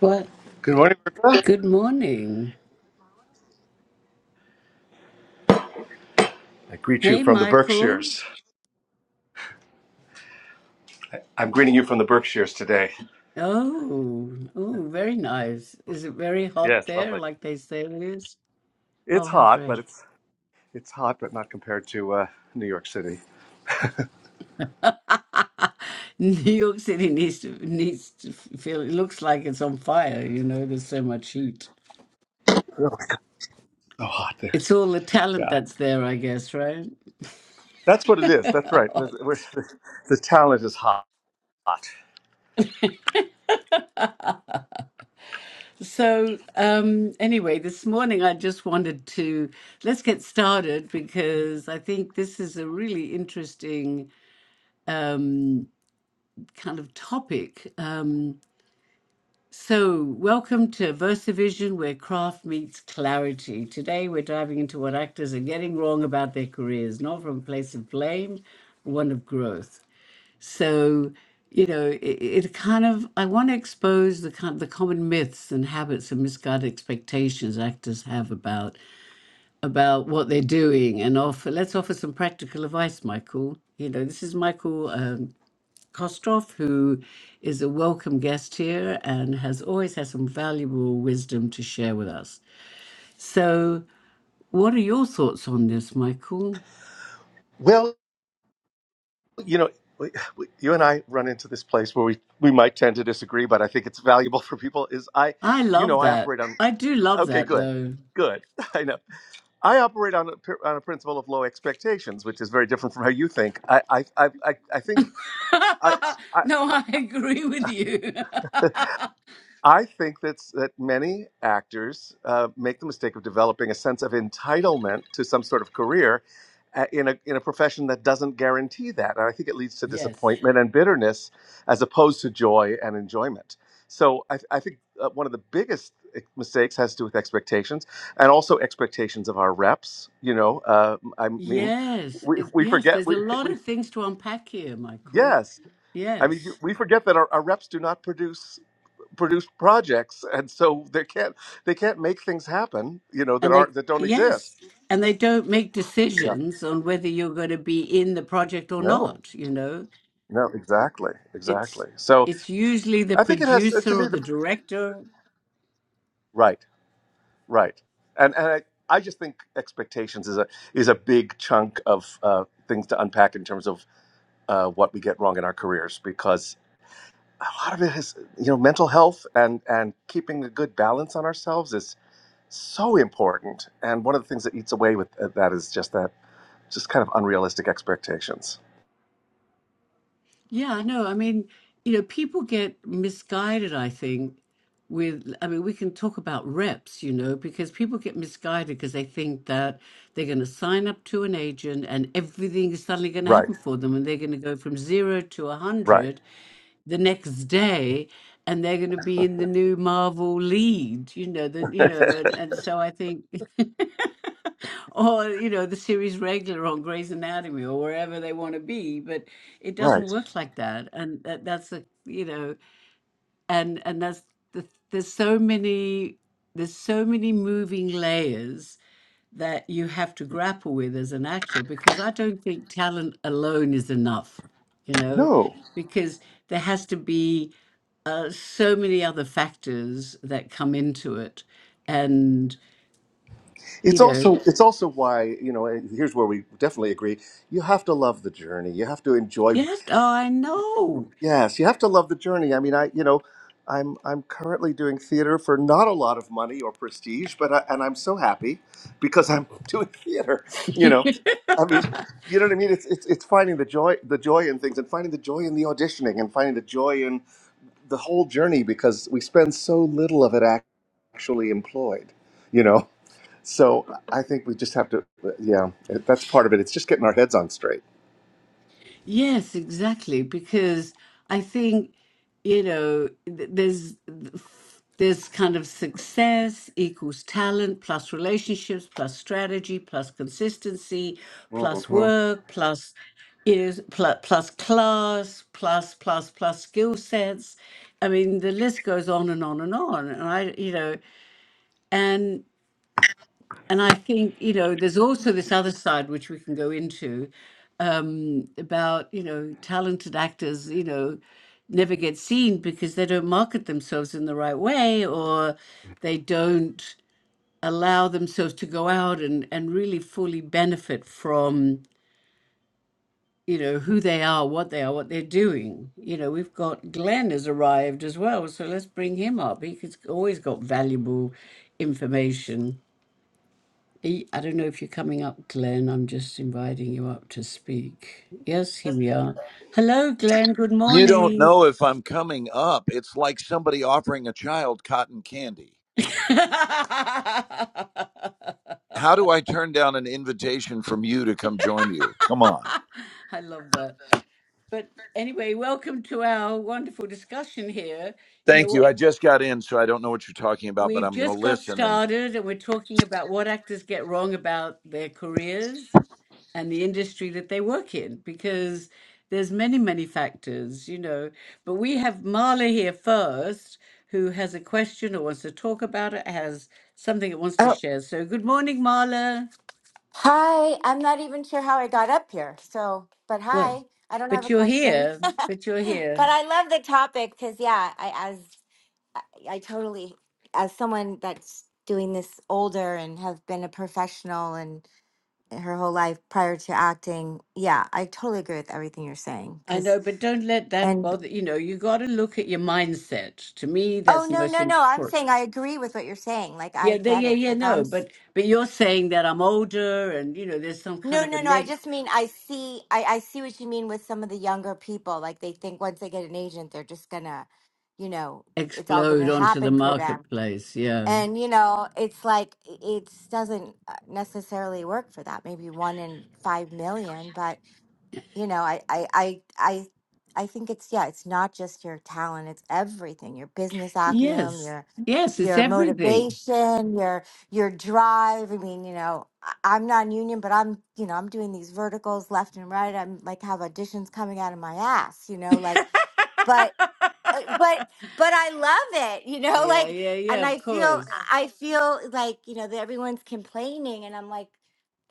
What? Good morning, Bertha. Good morning. I greet you Hey, from the Michael. Berkshires. I'm greeting you from the Berkshires today. Oh, oh, very nice. Is it very hot Yes, there, lovely. like they say it is? Oh, It's how hot, but great. it's it's hot, but not compared to uh, New York City. New York City needs to needs to feel. It looks like it's on fire. You know, there's so much heat. Really, so hot there. It's all the talent Yeah, that's there, I guess, right? that's what it is. That's right. The, we're- the the talent is hot. So, um, anyway, this morning I just wanted to let's get started because I think this is a really interesting um, kind of topic. Um, so, welcome to VersaVision, where craft meets clarity. Today, we're diving into what actors are getting wrong about their careers, not from a place of blame, but one of growth. So, you know, it, it kind of I want to expose the kind the common myths and habits and misguided expectations actors have about about what they're doing, and offer let's offer some practical advice, Michael. You know, this is Michael. um, Kostroff, who is a welcome guest here and has always had some valuable wisdom to share with us. So, what are your thoughts on this, Michael? Well, you know, we, we, you and I run into this place where we we might tend to disagree, but I think it's valuable for people. Is I, I you know, love I that. operate on. I do love Okay, that, good, though. good. I know. I operate on a, pr- on a principle of low expectations, which is very different from how you think. I I I, I I think I, I no, I agree with you. I think that's that many actors uh, make the mistake of developing a sense of entitlement to some sort of career uh, in a in a profession that doesn't guarantee that, and I think it leads to yes. disappointment and bitterness as opposed to joy and enjoyment. So I, I think uh, one of the biggest eh, mistakes has to do with expectations and also expectations of our reps. You know, uh, I mean, Yes. we, It- we yes. forget There's we, a lot we of things to unpack here, Michael. yes. I mean, you- Yes. we forget that our, our reps do not produce produce projects, and so they can't they can't make things happen, you know, that And they, aren't that don't exist. yes. And they don't make Yeah. decisions on whether you're going to be in the project or No. not, you know? No. Exactly. it's Exactly. So it's usually the I think it has to producer or me the the director. right, right, and and I, I just think expectations is a is a big chunk of uh, things to unpack in terms of uh, what we get wrong in our careers because a lot of it is you know mental health and and keeping a good balance on ourselves is so important and one of the things that eats away with uh, that is just that just kind of unrealistic expectations. Yeah, no, I mean, you know, people get misguided, I think, with I mean, we can talk about reps, you know, because people get misguided because they think that they're going to sign up to an agent and everything is suddenly going to Right. happen for them and they're going to go from 0 to a Right. 100 the next day and they're going to be in the new Marvel lead, you know, the, you know, and, and so I think, or, you know, the series regular on Grey's Anatomy or wherever they want to be, but it doesn't Right. work like that. And that, that's a, you know, and, and that's, the, there's so many, there's so many moving layers that you have to grapple with as an actor, because I don't think talent alone is enough, you know, No. because there has to be uh, so many other factors that come into it. And, It's you know, also it's also why, you know, and here's where we definitely agree. You have to love the journey. You have to enjoy you have to, oh, I know. Yes, you have to love the journey. I mean, I, you know, I'm I'm currently doing theater for not a lot of money or prestige, but I, and I'm so happy because I'm doing theater, you know. I mean, you know what I mean? It's it's it's finding the joy the joy in things and finding the joy in the auditioning and finding the joy in the whole journey because we spend so little of it ac- actually employed, you know? So I think we just have to, yeah, that's part of it. It's just getting our heads on straight. Yes, exactly. Because I think, you know, th- there's there's kind of success equals talent plus relationships plus strategy plus consistency plus hmm work plus is plus plus class plus plus plus skill sets. I mean, the list goes on and on and on. And I, you know, and and I think, you know, there's also this other side which we can go into, um, about you know talented actors you know never get seen because they don't market themselves in the right way or they don't allow themselves to go out and and really fully benefit from you know who they are what they are what they're doing you know we've got glenn has arrived as well so let's bring him up he's always got valuable information E- I don't know if you're coming up, Glenn. I'm just inviting you up to speak. Yes, here we are. Hello, Glenn. Good You don't morning. know if I'm coming up. It's like somebody offering a child cotton candy. I How do I turn down an invitation from you to come join you? Come on. love that. But anyway, welcome to our wonderful discussion here. You know Thank you. what? I just got in, so I don't know what you're talking about, but We've I'm going to just got listen. And started and we're talking about what actors get wrong about their careers. and the industry that they work in because there's many many factors you know but we have marla here first who has a question or wants to talk about it has something it wants to Oh, share so good morning marla hi. I'm not even sure how I got up here. So, but well hi. I don't have but a you're question. here but but you're here I love the topic because, yeah, I as I, I totally as someone that's doing this older and have been a professional and her whole life prior to acting, yeah, I totally agree with everything you're saying. i Because know but don't let that and bother you know you got to look at your mindset to me oh that's the no most no no, I'm important saying I agree with what you're saying. Like I yeah they, get yeah it. yeah Like no I'm but but you're saying that i'm older and you know there's some kind No, of a no, no. neg I just mean I see I, I see what you mean with some of the younger people. Like they think once they get an agent, they're just gonna, you know, it's all explode gonna onto the happen for them. marketplace. Yeah. And you know, it's like it doesn't uh, necessarily work for that. Maybe one in five million, but you know I, I i i i think it's yeah it's not just your talent it's everything your business acumen Yes. your Mm. Yes, it's your everything. motivation your your drive i mean you know I- i'm non-union but i'm you know i'm doing these verticals left and right i'm like have auditions coming out of my ass you know like but uh, but but I love it, you know, Yeah, like yeah, yeah, and of I feel course. I feel like, you know, that everyone's complaining and I'm like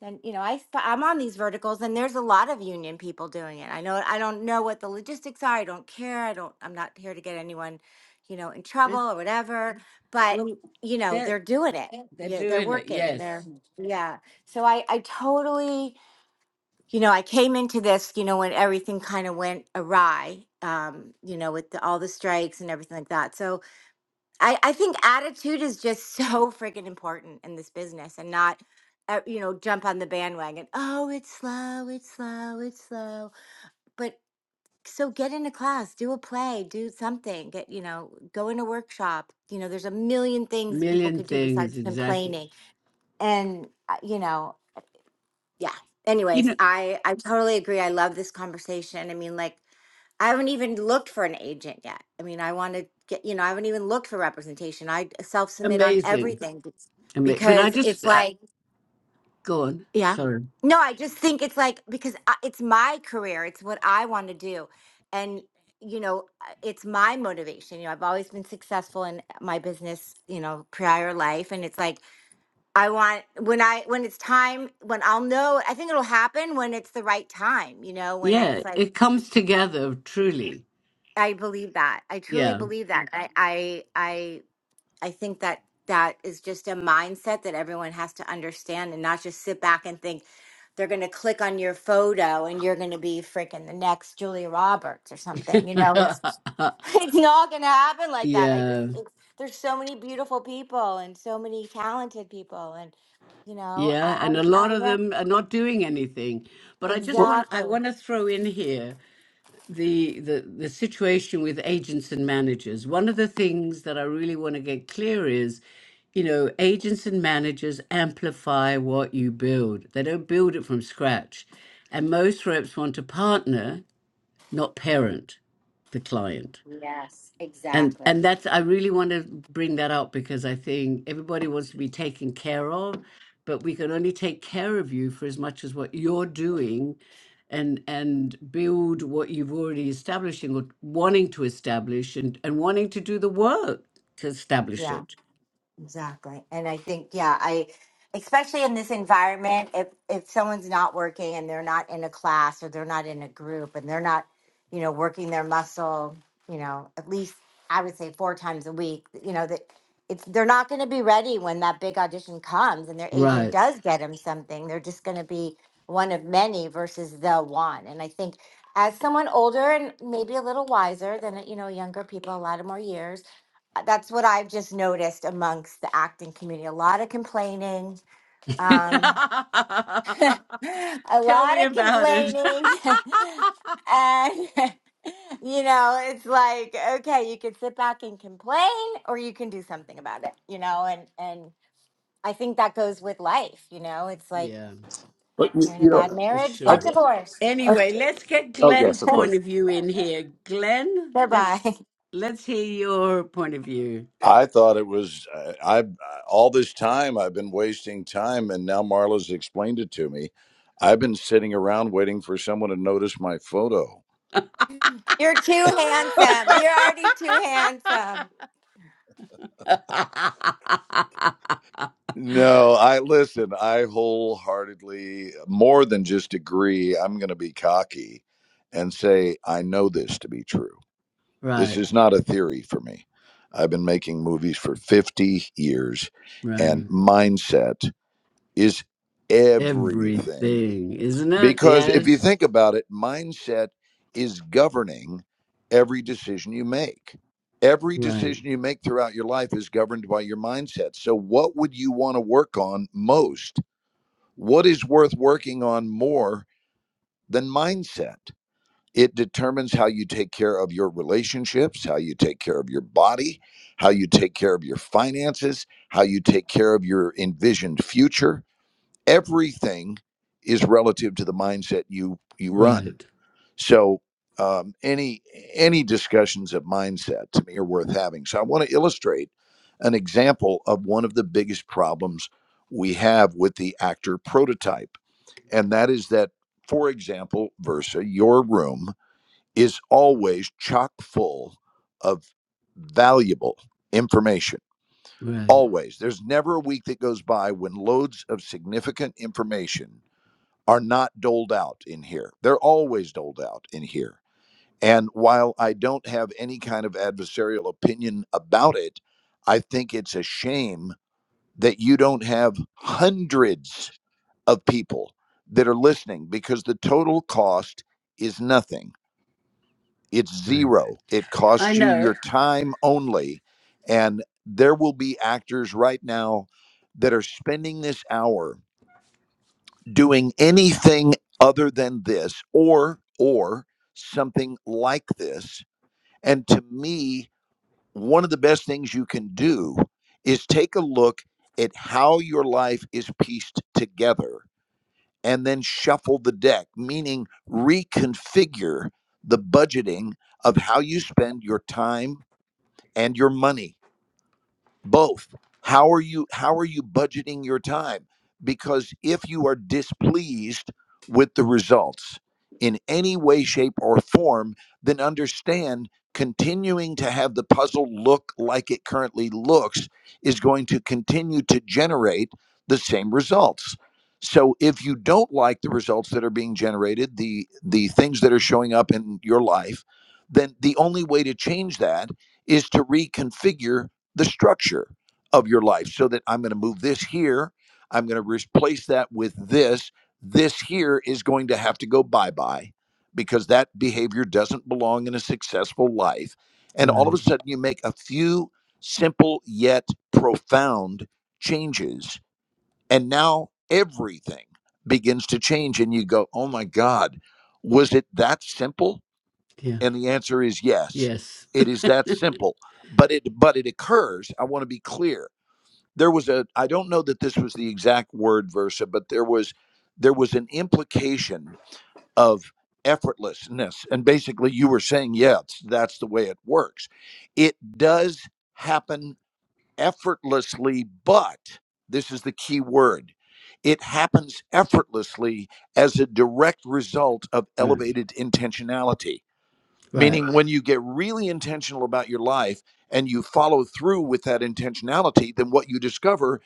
then you know, I sp- I'm on these verticals and there's a lot of union people doing it. I know I don't know what the logistics are. I don't care. I don't I'm not here to get anyone, you know, in trouble It's, or whatever, but well, you know, they're, they're doing it. they're Yeah, they're doing it. working and they're Yes. yeah. So I I totally you know, I came into this, you know, when everything kind of went awry, um, you know, with the, all the strikes and everything like that. So I, I think attitude is just so freaking important in this business and not, uh, you know, jump on the bandwagon. Oh, it's slow, it's slow, it's slow. But so get into class, do a play, do something, get, you know, go in a workshop. You know, there's a million things people Million could do things, besides exactly. complaining. And, uh, you know, yeah You anyways know, i i totally agree i love this conversation i mean like i haven't even looked for an agent yet i mean i want to get you know i haven't even looked for representation i self submit on amazing. everything be- Ama- But I because it's just, I, like go on. yeah Sorry. no i just think it's like because I, it's my career it's what i want to do and you know uh, it's my motivation you know i've always been successful in my business you know prior life and it's like I want when I when it's time when I'll know I think it'll happen when it's the right time, you know, when Yeah, it's like it comes together truly. I believe that. I truly Yeah. believe that. Mhm. I I I I think that that is just a mindset that everyone has to understand and not just sit back and think they're going to click on your photo and you're going to be freaking the next Julia Roberts or something. You know, it's it's not going to happen like that. I yeah. just it's, there's so many beautiful people and so many talented people and you know, Yeah, I and a I lot I of yeah. them are not doing anything. But I just Well, want I Exactly. want to throw in here the the the situation with agents and managers. One of the things that I really want to get clear is, you know, agents and managers amplify what you build. They don't build it from scratch. And most reps want to partner, not parent the client. Yes, And exactly. and that's I really want to bring that up because I think everybody wants to be taken care of, but we can only take care of you for as much as what you're doing and and build what you've already establishing or wanting to establish and, and wanting to do the work to establish Yeah. it. Exactly. And I think, yeah, I especially in this environment, if if someone's not working and they're not in a class or they're not in a group and they're not, you know, working their muscle, you know, at least I would say four times a week, you know, that it's they're not going to be ready when that big audition comes and their agent Right. does get them something. They're just going to be one of many versus the one. And I think as someone older and maybe a little wiser than you know younger people, a lot of more years uh, that's what I've just noticed amongst the acting community. A lot of complaining, um, a Tell lot me of about it. complaining, and you know, it's like okay, you can sit back and complain, or you can do something about it. You know, and and I think that goes with life. You know, it's like yeah. But, you, you're in a you bad know, For marriage, I, get sure. divorced. I, Anyway, let's get oh, Glenn's yes, of point course. of view in here. Glenn, Goodbye. let's let's hear your point of view. I thought it was uh, I I- all this time I've been wasting time and now Marla's explained it to me. I've been sitting around waiting for someone to notice my photo. You're too handsome. You're already too handsome. No, I listen, I wholeheartedly, more than just agree, I'm going to be cocky and say, I know this to be true. This right, is not a theory for me. I've been making movies for 50 years, and right. mindset is everything Everything, isn't it? because if you Yes. think about it, mindset is governing every decision you make. Every Right, decision you make throughout your life is governed by your mindset. So, what would you want to work on most? What is worth working on more than mindset? It determines how you take care of your relationships, how you take care of your body, how you take care of your finances, how you take care of your envisioned future. Everything is relative to the mindset you you run right, so um, any any discussions of mindset to me are worth having. So I want to illustrate an example of one of the biggest problems we have with the actor prototype, and that is that, for example, Versa, your room is always chock full of valuable information. right, Always. There's never a week that goes by when loads of significant information are not doled out in here. They're always doled out in here and while I don't have any kind of adversarial opinion about it, I think it's a shame that you don't have hundreds of people that are listening because the total cost is nothing. It's right. zero. It I costs you your know. time only. And there will be actors right now that are spending this hour doing anything other than this or or something like this and to me one of the best things you can do is take a look at how your life is pieced together and then shuffle the deck, meaning reconfigure the budgeting of how you spend your time and your money both how are you how are you budgeting your time because if you are displeased with the results in any way shape or form then understand continuing to have the puzzle look like it currently looks is going to continue to generate the same results so if you don't like the results that are being generated the the things that are showing up in your life then the only way to change that is to reconfigure the structure of your life so that I'm going to move this here. I'm going to replace that with this. This here is going to have to go bye bye because that behavior doesn't belong in a successful life. And all of a Right. sudden, you make a few simple yet profound changes. And now everything begins to change. And you go, oh my God, was it that simple? Yeah. And the answer is yes. Yes. It is that simple. But it but it occurs, I want to be clear. There was a I don't know that this was the exact word versa, but there was there was an implication of effortlessness and basically you were saying yes that's the way it works it does happen effortlessly but this is the key word it happens effortlessly as a direct result of Right. elevated intentionality Right. Meaning, when you get really intentional about your life and you follow through with that intentionality, then what you discover,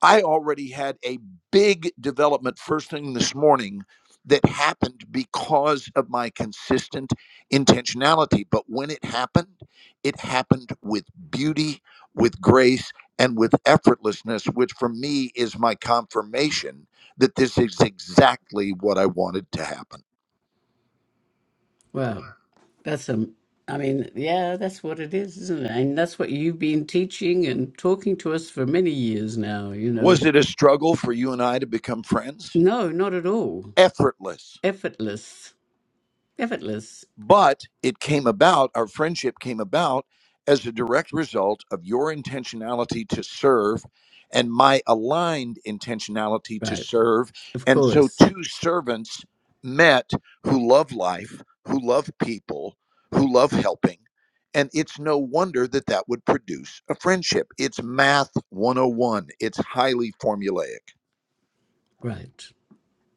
I already had a big development first thing this morning that happened because of my consistent intentionality. But when it happened, it happened with beauty, with grace, and with effortlessness, which for me is my confirmation that this is exactly what I wanted to happen. Well, that's um I mean, yeah, that's what it is, isn't it? And that's what you've been teaching and talking to us for many years now, you know. Was it a struggle for you and I to become friends? No, not at all. effortless. Effortless. Effortless. But it came about, our friendship came about as a direct result of your intentionality to serve and my aligned intentionality to Right. serve. Of And so, course. two servants met who love life, who love people, who love helping. And it's no wonder that that would produce a friendship. It's math 101, it's highly formulaic. Right.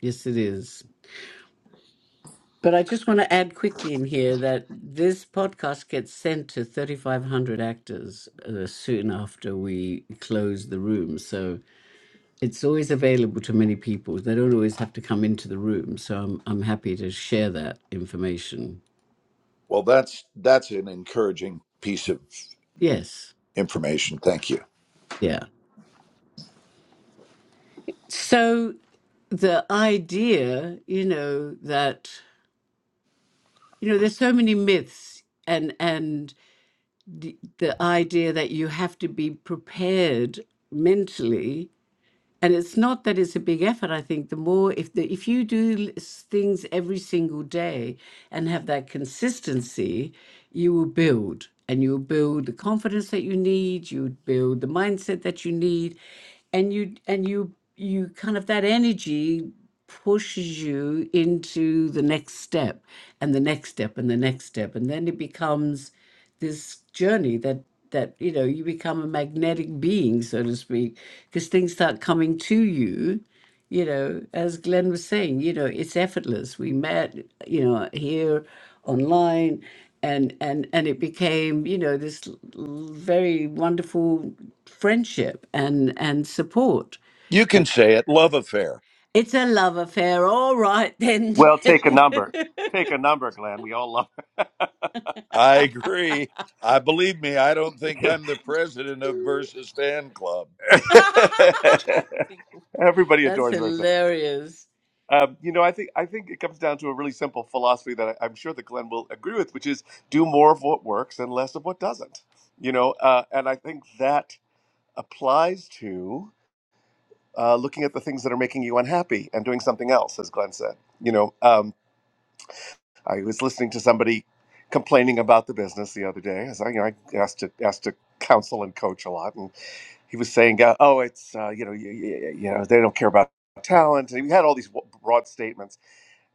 Yes, it is. But I just want to add quickly in here that this podcast gets sent to 3,500 actors uh, soon after we close the room. So it's always available to many people. They don't always have to come into the room. So I'm, I'm happy to share that information. Well, that's that's an encouraging piece of Yes. information. Thank you. Yeah. So the idea, you know, that. you know there's so many myths and and the, the idea that you have to be prepared mentally and it's not that it's a big effort i think the more if the if you do s- things every single day and have that consistency you will build and you'll build the confidence that you need you would build the mindset that you need and you and you you kind of that energy pushes you into the next step and the next step and the next step and then it becomes this journey that that you know you become a magnetic being so to speak because things start coming to you you know as glenn was saying you know it's effortless we met you know here online and and and it became you know this l- l- very wonderful friendship and and support You and can say it, love affair. it's a love affair all right then Well, take a Glenn. number. Take a number, Glenn. We all love I agree. I believe me, I don't think I'm the president of Versus Fan Club. it. Everybody that's adores her. hilarious Um, you know, I think I think it comes down to a really simple philosophy that I, I'm sure that Glenn will agree with, which is do more of what works and less of what doesn't. You know, uh, and I think that applies to uh, looking at the things that are making you unhappy and doing something else, as Glenn said. You know, um, I was listening to somebody complaining about the business the other day. As I, you know, I asked to asked to counsel and coach a lot, and he was saying, uh, "Oh, it's uh, you know, you, you, you know, they don't care about talent." And he had all these w- broad statements,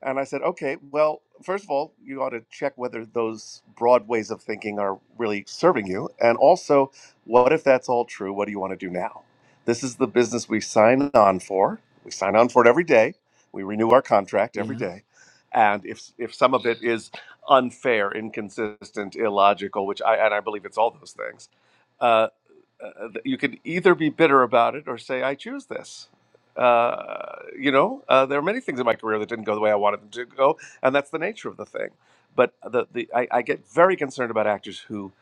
and I said, "Okay, well, first of all, you ought to check whether those broad ways of thinking are really serving you, and also, what if that's all true? What do you want to do now? This is the business we sign on for. We sign on for it every day. We renew our contract every yeah day." and if if some of it is unfair, inconsistent, illogical, which I and I believe it's all those things, uh, uh, you can either be bitter about it or say, "I choose this." Uh, you know, uh, there are many things in my career that didn't go the way I wanted them to go, and that's the nature of the thing. But the the I, I get very concerned about actors who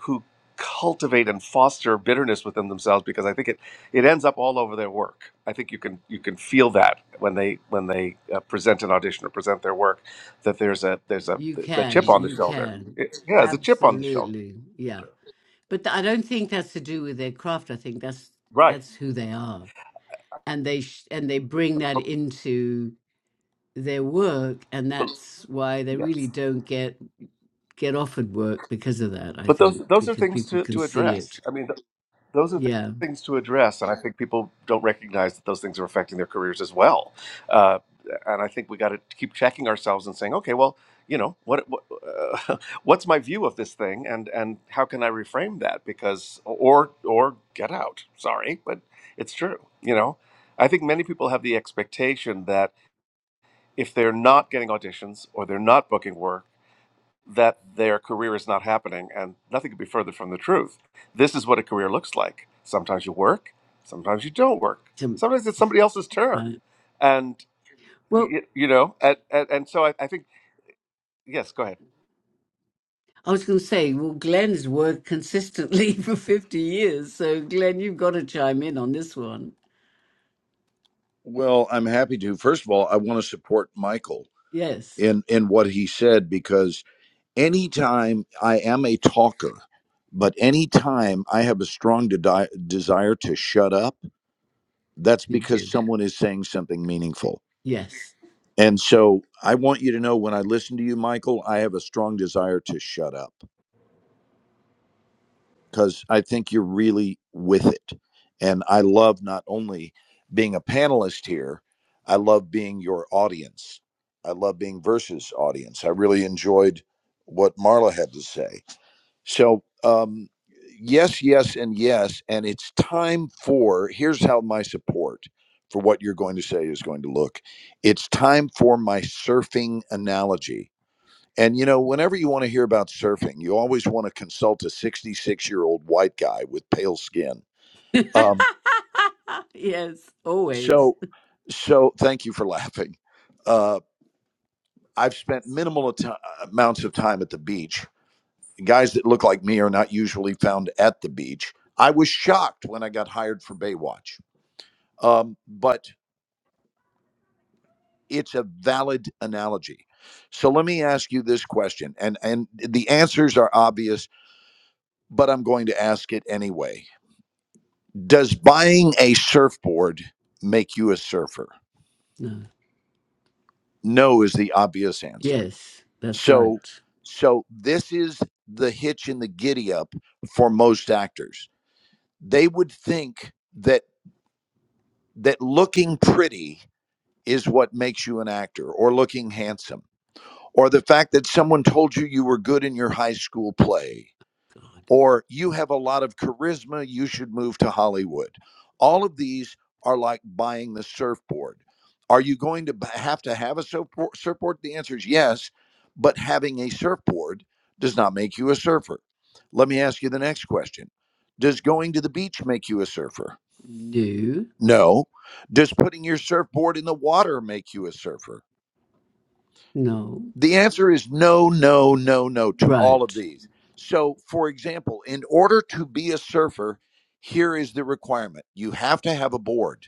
who cultivate and foster bitterness within themselves because I think it it ends up all over their work. I think you can you can feel that when they when they uh, present an audition or present their work that there's a there's a You the chip can, on the you shoulder. can. It- yeah, there's a chip on the shoulder. Absolutely. Yeah. But th- I don't think that's to do with their craft. I think that's Right. that's who they are. And they sh- and they bring that into their work and But that's why they really yes. don't get get offered work because of that, I But those think, those are because things people to can to see it. address. I mean. those are th- Yeah. things to address, and I think people don't recognize that those things are affecting their careers as well. Uh, and I think we got to keep checking ourselves and saying, okay, well, you know, what, what uh, what's my view of this thing, and and how can I reframe that? Because or or get out. Sorry, but it's true. You know, I think many people have the expectation that if they're not getting auditions or they're not booking work that their career is not happening, and nothing could be further from the truth. This is what a career looks like. Sometimes you work, sometimes you don't work. Some- Sometimes it's somebody else's turn, right. and Well, you, you know, and, and, and so I, I think yes. Go ahead. I was going to say, well, Glenn's worked consistently for 50 years. So, Glenn, you've got to chime in on this one. Well, I'm happy to. First of all, I want to support Michael Yes, in in what he said because anytime I am a talker, but anytime I have a strong de- desire to shut up, that's you because do. someone is saying something meaningful. Yes. And so I want you to know when I listen to you, Michael, I have a strong desire to shut up because I think you're really with it. And I love not only being a panelist here, I love being your audience. I love being versus audience. I really enjoyed what Marla had to say. So, um, yes, yes, and yes. And it's time for here's how my support for what you're going to say is going to look it's time for my surfing analogy and you know, whenever you want to hear about surfing, you always want to consult a 66 year old white guy with pale skin. Um, yes, always. so, so thank you for laughing. Uh, I've spent minimal at- amounts of time at the beach. Guys that look like me are not usually found at the beach. I was shocked when I got hired for Baywatch, um, but it's a valid analogy. So let me ask you this question, and and the answers are obvious, but I'm going to ask it anyway Does buying a surfboard make you a surfer? No. No is the obvious answer. Yes. That's So right. so this is the hitch in the giddy up for most actors. They would think that that looking pretty is what makes you an actor or looking handsome or the fact that someone told you you were good in your high school play God. or you have a lot of charisma, you should move to Hollywood. All of these are like buying the surfboard. Are you going to have to have a surfboard? The answer is yes, but having a surfboard does not make you a surfer. Let me ask you the next question Does going to the beach make you a surfer? No. No. Does putting your surfboard in the water make you a surfer? No. The answer is no, no, no, no to all of Right. these. So, for example, in order to be a surfer, here is the requirement you have to have a board.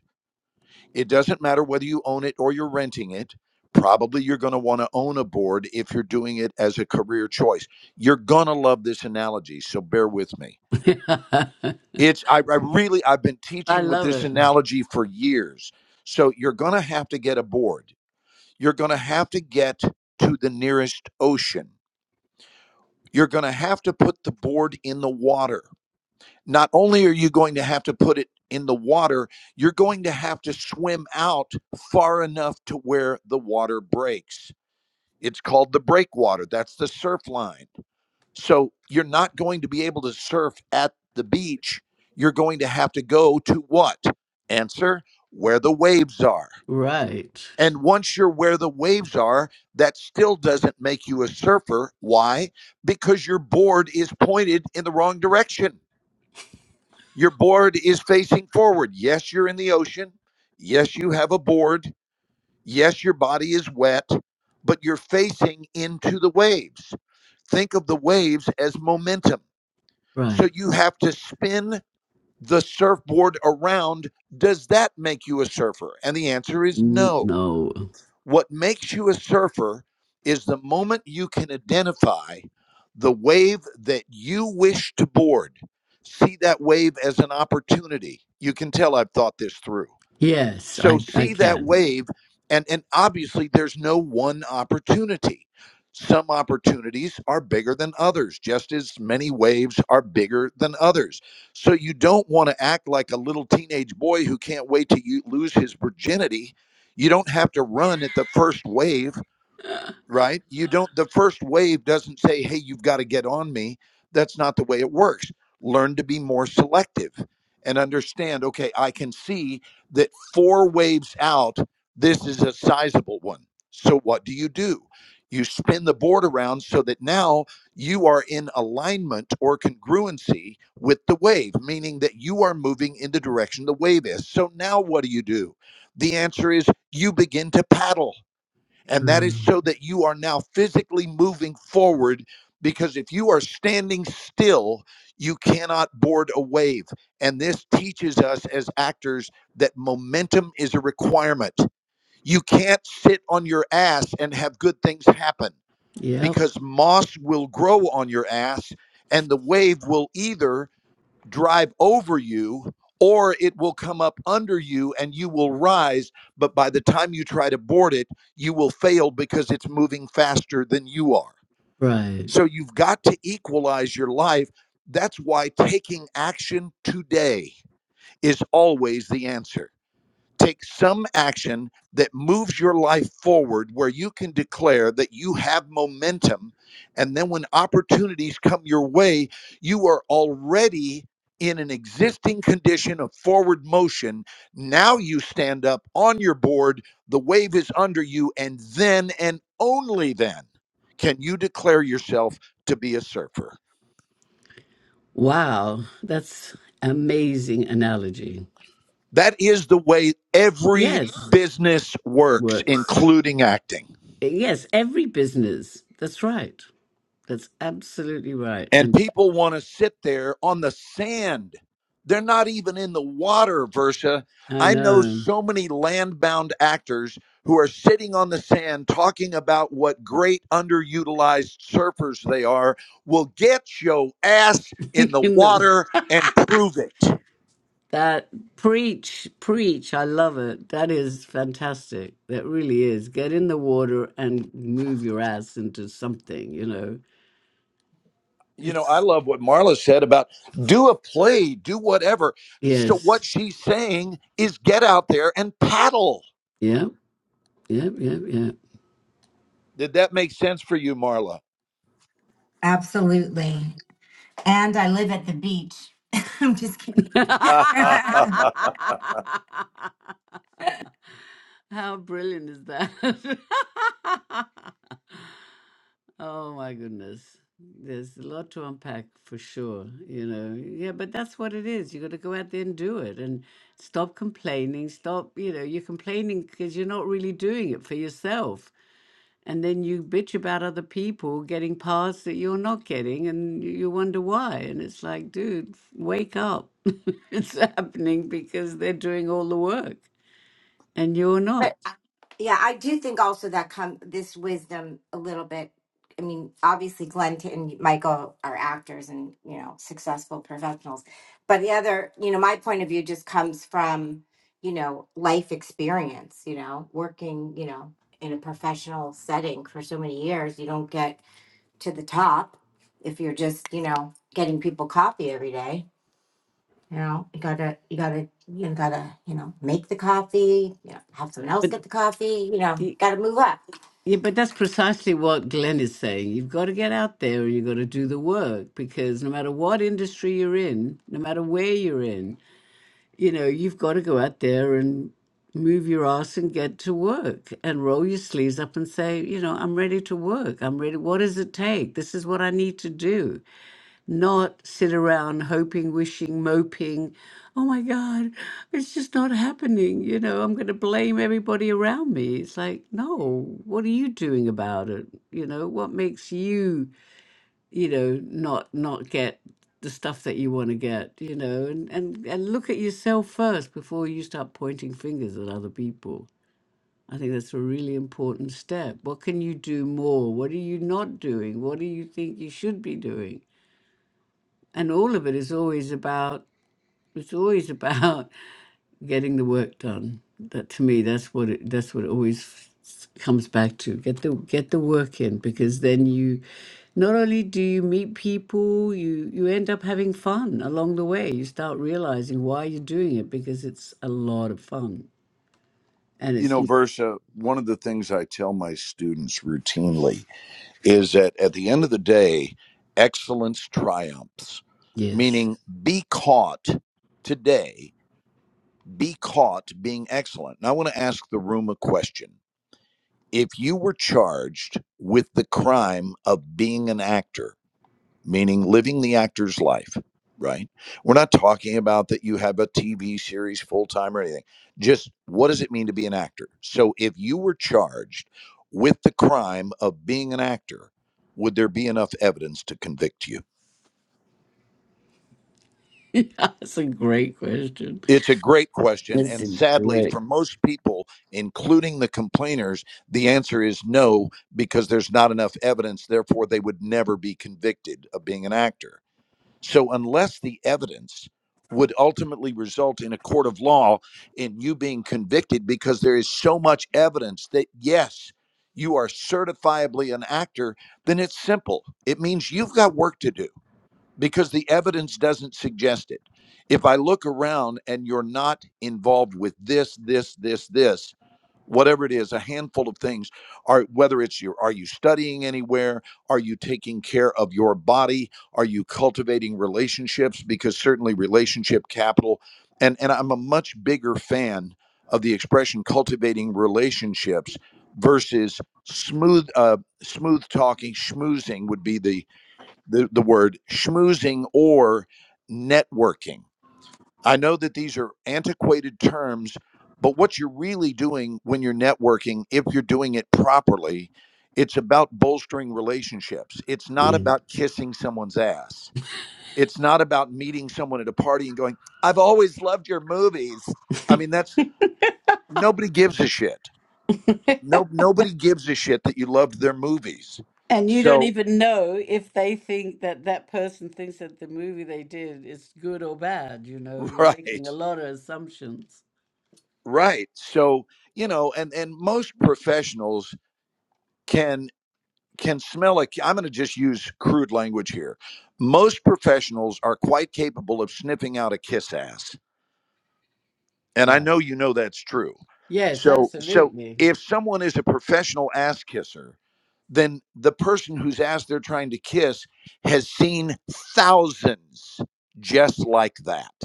It doesn't matter whether you own it or you're renting it. Probably you're going to want to own a board if you're doing it as a career choice. You're going to love this analogy, so bear with me. It's, I, I really, I've been I teaching with love this it. analogy for years. So, you're going to have to get a board, you're going to have to get to the nearest ocean You're going to have to put the board in the water. Not only are you going to have to put it in the water, you're going to have to swim out far enough to where the water breaks. It's called the breakwater. That's the surf line. So you're not going to be able to surf at the beach. You're going to have to go to what? Answer where the waves are. right. And once you're where the waves are, that still doesn't make you a surfer. Why? Because your board is pointed in the wrong direction. Your board is facing forward. Yes, you're in the ocean. Yes, you have a board. Yes, your body is wet, but you're facing into the waves. Think of the waves as momentum. So Right. you have to spin the surfboard around. Does that make you a surfer? And the answer is N- no. No. What makes you a surfer is the moment you can identify the wave that you wish to board. See that wave as an opportunity. You can tell I've thought this through. Yes, So I I see that can. wave, and and obviously there's no one opportunity. Some opportunities are bigger than others, just as many waves are bigger than others. So you don't want to act like a little teenage boy who can't wait to you lose his virginity. You don't have to run at the first wave right? You don't, the first wave doesn't say, hey, you've got to get on me. That's not the way it works. Learn to be more selective and understand, okay, I can see that four waves out, this is a sizable one. So what do you do? You spin the board around so that now you are in alignment or congruency with the wave, meaning that you are moving in the direction the wave is. So now what do you do? The answer is you begin to paddle and that is Um, so that you are now physically moving forward. Because if you are standing still, you cannot board a wave. And this teaches us as actors that momentum is a requirement. You can't sit on your ass and have good things happen yep. because moss will grow on your ass and the wave will either drive over you or it will come up under you and you will rise but by the time you try to board it you will fail because it's moving faster than you are Right. so you've got to equalize your life that's why taking action today is always the answer take some action that moves your life forward where you can declare that you have momentum. And then when opportunities come your way, you are already in an existing condition of forward motion. Now you stand up on your board, the wave is under you, and then and only then can you declare yourself to be a surfer. Wow. That's amazing analogy. That is the way every Yes. business works, Works. including acting. Yes, every business. That's right. That's absolutely right. And And. people want to sit there on the sand. They're not even in the water, Versa. I I know know. so many land bound actors who are sitting on the sand talking about what great underutilized surfers they are. Will get your ass in the In the, water and prove it. that preach, preach. I love it. That is fantastic. That really is. Get in the water and move your ass into something. You know. You know, I It's love what Marla said about do a play, do whatever. So, what yes. she's saying is get out there and paddle. Yep. Yep. Yep. Yep. Did that make sense for you, Marla? Absolutely. And I live at the beach. I'm just kidding. but How brilliant is that? Oh my goodness. There's a lot to unpack for sure, you know. Yeah, but that's what it is. You got to go out there and do it and stop complaining. Stop, you know, you're complaining because you're not really doing it for yourself. And then you bitch about other people getting paths that you're not getting and you you wonder why. And it's like, dude, wake up. It's happening because they're doing all the work and you're not. uh, yeah, I do think also that come this wisdom a little bit. I mean, obviously, Glenn T- and Michael are actors and you know successful professionals, but the other, you know, my point of view just comes from you know life experience. You know, working, you know, in a professional setting for so many years, you don't get to the top if you're just you know getting people coffee every day. You know, you gotta, you gotta, you gotta, you know, make the coffee. You know, have someone else But get the coffee. You know, gotta move up. Yeah, but that's precisely what Glenn is saying. You've got to get out there and you've got to do the work because no matter what industry you're in, no matter where you're in, you know, you've got to go out there and move your ass and get to work and roll your sleeves up and say, you know, I'm ready to work. I'm ready. What does it take? This is what I need to do not sit around hoping, wishing, moping, oh my God, it's just not happening. You know, I'm going to blame everybody around me. It's like, no, what are you doing about it? You know, what makes you, you know, not not get the stuff that you want to get, you know, and, and, and look at yourself first before you start pointing fingers at other people. I think that's a really important step. What can you do more? What are you not doing? What do you think you should be doing? and all of it is always about it's always about getting the work done that to me that's what it that's what it always f- comes back to get the get the work in because then you not only do you meet people you you end up having fun along the way you start realizing why you're doing it because it's a lot of fun and You it's know, Versa, one of the things I tell my students routinely is that at the end of the day, excellence triumphs, yes meaning be caught today, be caught being excellent. And I want to ask the room a question. If you were charged with the crime of being an actor, meaning living the actor's life, right? We're not talking about that you have a TV series full time or anything. Just what does it mean to be an actor? So if you were charged with the crime of being an actor, would there be enough evidence to convict you? that's a great question It's a great question. that's And a sadly, for great most people, including the complainers, the answer is no, because there's not enough evidence. Therefore, they would never be convicted of being an actor So, unless the evidence would ultimately result in a court of law in you being convicted, because there is so much evidence that yes, you are certifiably an actor, then it's simple. It means you've got work to do because the evidence doesn't suggest it. If I look around and you're not involved with this, this, this, this, whatever it is, a handful of things, are whether it's your are you studying anywhere? Are you taking care of your body? Are you cultivating relationships? Because certainly relationship capital, and, and I'm a much bigger fan of the expression cultivating relationships versus smooth uh smooth talking schmoozing would be the the, the word schmoozing or networking. I know that these are antiquated terms, but what you're really doing when you're networking, if you're doing it properly, it's about bolstering relationships. It's not yeah about kissing someone's ass. It's not about meeting someone at a party and going, I've always loved your movies. I mean, that's nobody gives a shit. No, nobody gives a shit that you loved their movies. And you don't So, even know if they think that that person thinks that the movie they did is good or bad. You know, you're right. making a lot of assumptions. Right. So, you know, and and most professionals can can smell a I'm going to just use crude language here. Most professionals are quite capable of sniffing out a kiss ass. And I Right. know you know that's true. Yes, So, so absolutely. if someone is a professional ass kisser, then the person whose ass they're trying to kiss has seen thousands just like that.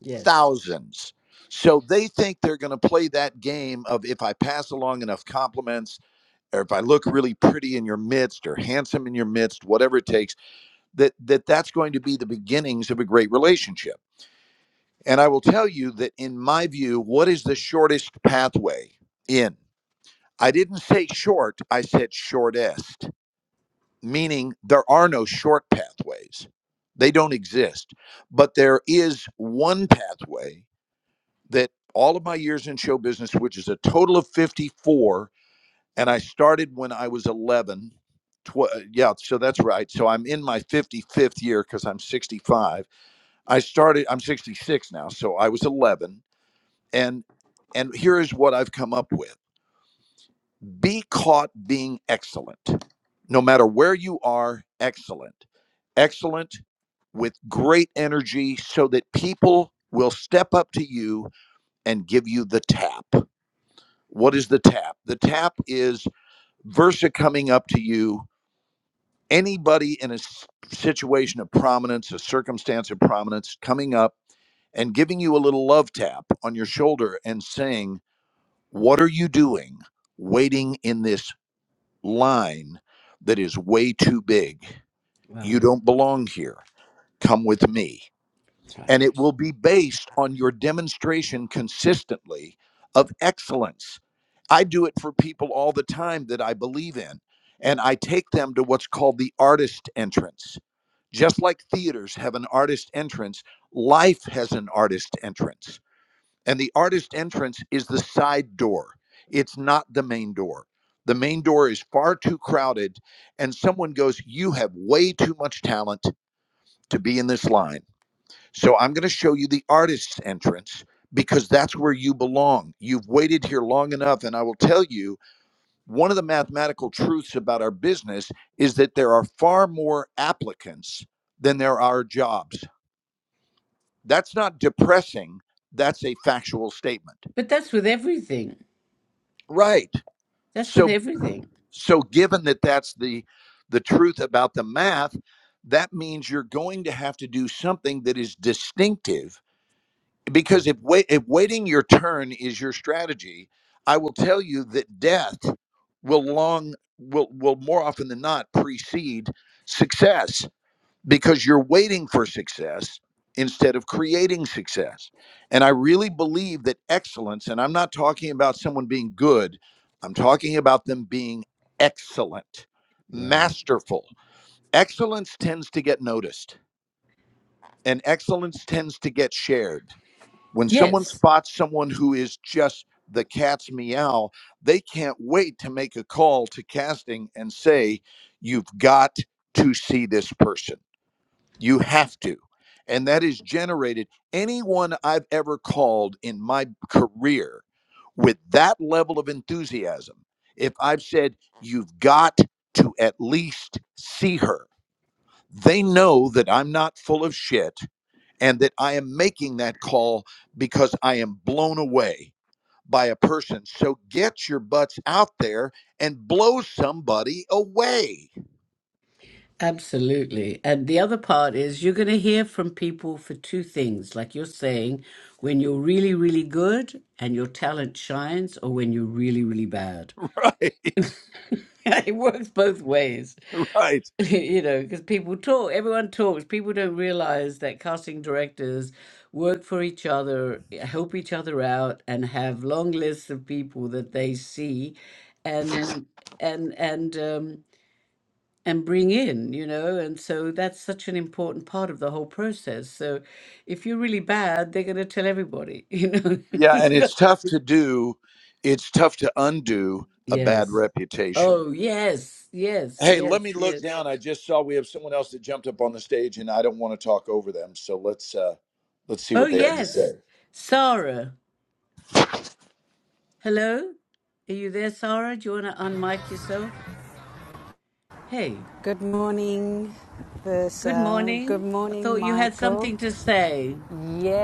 Yes. thousands. So they think they're going to play that game of if I pass along enough compliments or if I look really pretty in your midst or handsome in your midst, whatever it takes, that, that that's going to be the beginnings of a great relationship. And I will tell you that in my view, what is the shortest pathway in? I didn't say short, I said shortest, meaning there are no short pathways. They don't exist. But there is one pathway that all of my years in show business, which is a total of 54, and I started when I was 11. Tw- yeah, so that's right. So I'm in my 55th year because I'm 65. I Uh, started, I'm 66 now, so I was 11. And and here is what I've come up with. Be caught being excellent. No matter where you are, excellent. Excellent with great energy so that people will step up to you and give you the tap What is the tap? The tap is Versa coming up to you, anybody in a situation of prominence, a circumstance of prominence, coming up and giving you a little love tap on your shoulder and saying, What are you doing waiting in this line that is way too big? You Um, don't belong here. Come with me. and right. it will be based on your demonstration consistently of excellence. I do it for people all the time that I believe in, and I take them to what's called the artist entrance. Just like theaters have an artist entrance, life has an artist entrance. And the artist entrance is the side door, it's not the main door. The main door is far too crowded, and someone goes, You have way too much talent to be in this line so I'm going to show you the artist's entrance because that's where you belong. You've waited here long enough. And I will tell you one of the mathematical truths about our business is that there are far more applicants than there are jobs. That's not depressing, that's a factual statement. But that's with everything. Right. That's with So, everything. so given that that's the the truth about the math, that means you're going to have to do something that is distinctive because Mm, if wait if waiting your turn is your strategy i will tell you that death will long will will more often than not precede success because you're waiting for success instead of creating success and i really believe that excellence and i'm not talking about someone being good i'm talking about them being excellent Right. masterful excellence tends to get noticed and excellence tends to get shared when someone Yes, spots someone who is just the cat's meow, they can't wait to make a call to casting and say, You've got to see this person. You have to. And that is generated. Anyone I've ever called in my career with that level of enthusiasm, if I've said, You've got to at least see her, they know that I'm not full of shit and that I am making that call because I am blown away by a person. So get your butts out there and blow somebody away. absolutely. And the other part is you're going to hear from people for two things, like you're saying, when you're really, really good and your talent shines, or when you're really, really bad. it works both ways, you know, because people talk, everyone talks. People don't realize that casting directors work for each other, eh, help each other out, and have long lists of people that they see, and and and um, and bring in, you know. And so that's such an important part of the whole process. So if you're really bad, they're going to tell everybody, you know. Yeah, and It's it's like- tough to do, it's tough to undo a bad yes. reputation. Oh yes, yes, Hey, let yes, me look yes. down. I just saw we have someone else that jumped up on the stage and I don't want to talk over them. So let's uh let's see Oh, what they had to say. yes. Sarah. Hello? Are you there, Sarah? Do you want to unmic yourself? Hey, Good morning, good Versa. Good morning. I morning, thought you had Michael. something to say.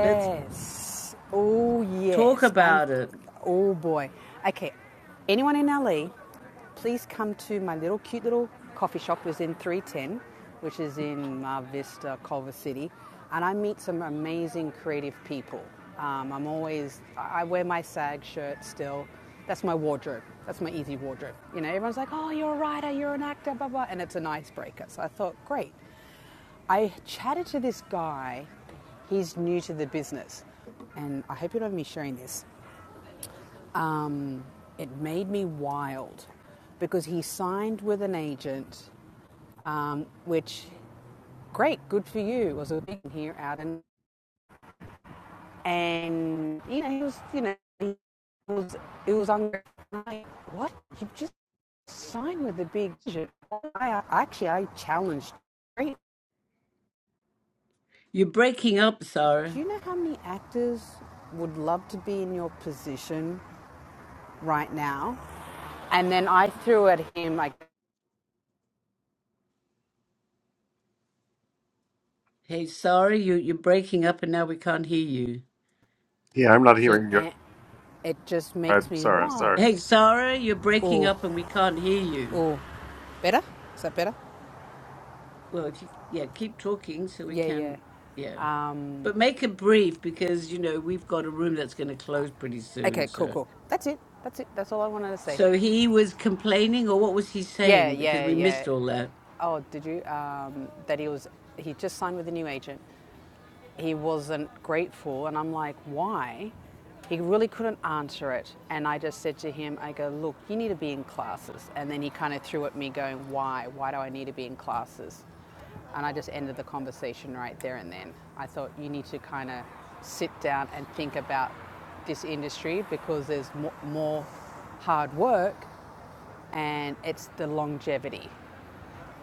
Let's Oh, talk yes. I'm, about it. oh boy. Okay, anyone in LA, please come to my little cute little coffee shop, which in 310, which is in Mar Vista, Culver City. And I meet some amazing creative people. Um, I'm always, I I wear my SAG shirt still. That's my wardrobe. That's my easy wardrobe. You know, everyone's like, oh, you're a writer, you're an actor, blah, blah. And it's an icebreaker. So I thought, great. I chatted to this guy. He's new to the business, and I hope you don't mind me sharing this. Um, it made me wild because he signed with an agent, um, which great, good for you. Was a big here out in, and you know he was you know he was it was unreal. Like, what you just signed with a big agent? I- actually I challenged. him. You're breaking up, Sarah. Do you know how many actors would love to be in your position right now? And then I threw at him like, Hey, Sarah, you, you're breaking up and now we can't hear you. Yeah, I'm not So, hearing you. eh, it just makes I'm me sorry. Sorry. wild. hey, Sarah, you're breaking Oh, up and we can't hear you. oh. Better? Is that better? Well, if you, yeah, keep talking so we Yeah, yeah. can, yeah. Um, But make it brief because, you know, we've got a room that's going to close pretty soon. Okay, cool, So. cool. that's it. That's it. That's all I wanted to say. So he was complaining, or what was he Yeah, saying? Because yeah, we yeah. missed all that. Oh, did you? Um, that he was. He just signed with a new agent, He wasn't grateful, and I'm like, why? He really couldn't answer it. And I just said to him, I go, look, you need to be in classes. And then he kind of threw at me, going, why? Why do I need to be in classes? And I just ended the conversation right there and then. I thought, you need to kind of sit down and think about this industry because there's more hard work and it's the longevity.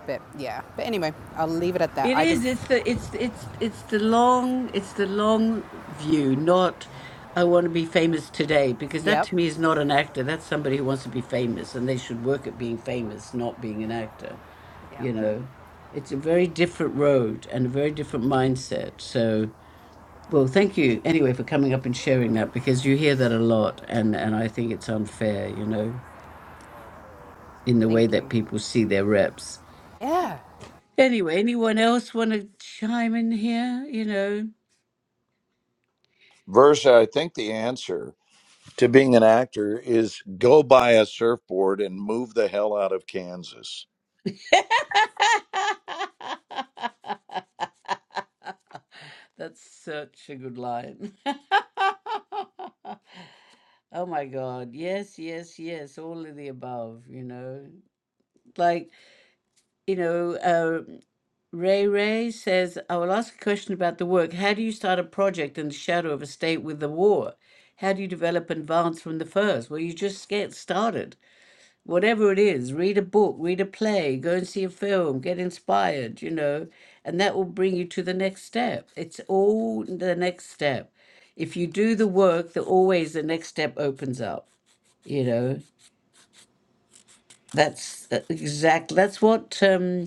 But yeah, but anyway, I'll leave it at that. It I just, is. It's the. It's it's it's the long. It's the long view. Not, I want to be famous today, because that yep, to me is not an actor. That's somebody who wants to be famous, and they should work at being famous, not being an actor. yeah, You know, it's a very different road and a very different mindset. So, well, thank you anyway for coming up and sharing that, because you hear that a lot, and and I think it's unfair. You know, in the way thank that you. people see their reps. Yeah. Anyway, anyone else want to chime in here? You know, Versa, I think the answer to being an actor is go buy a surfboard and move the hell out of Kansas. that's such a good line. oh my God. Yes, yes, yes. All of the above, you know. Like, you know, uh, Ray Ray says, I will ask a question about the work. How do you start a project in the shadow of a state with the war? How do you develop and advance from the first? Well, you just get started whatever it is, read a book, read a play, go and see a film, get inspired, you know, and that will bring you to the next step. It's all the next step. If you do the work, the always the next step opens up, you know. That's exactly that's what um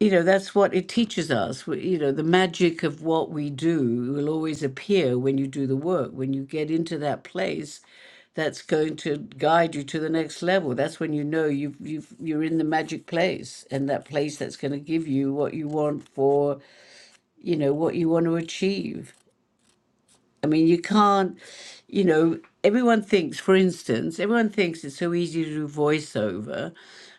you know that's what it teaches us We- you know the magic of what we do will always appear when you do the work when you get into that place that's going to guide you to the next level that's when you know you've you've you're in the magic place and that place that's going to give you what you want for you know what you want to achieve I mean, you can't, you know, everyone thinks, for instance, everyone thinks it's so easy to do voiceover,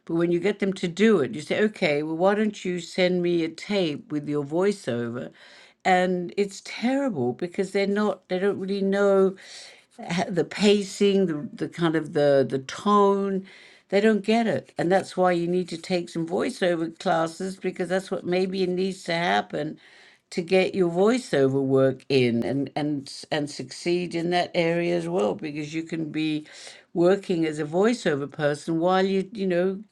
but when you get them to do it, you say, okay, well, why don't you send me a tape with your voiceover? And it's terrible because they're not, they don't really know h- the pacing, the, the kind of the, the tone. They don't get it. And that's why you need to take some voiceover classes because that's what maybe needs to happen to get your voiceover work in and and s- and succeed in that area as well because you can be working as a voiceover person while you you know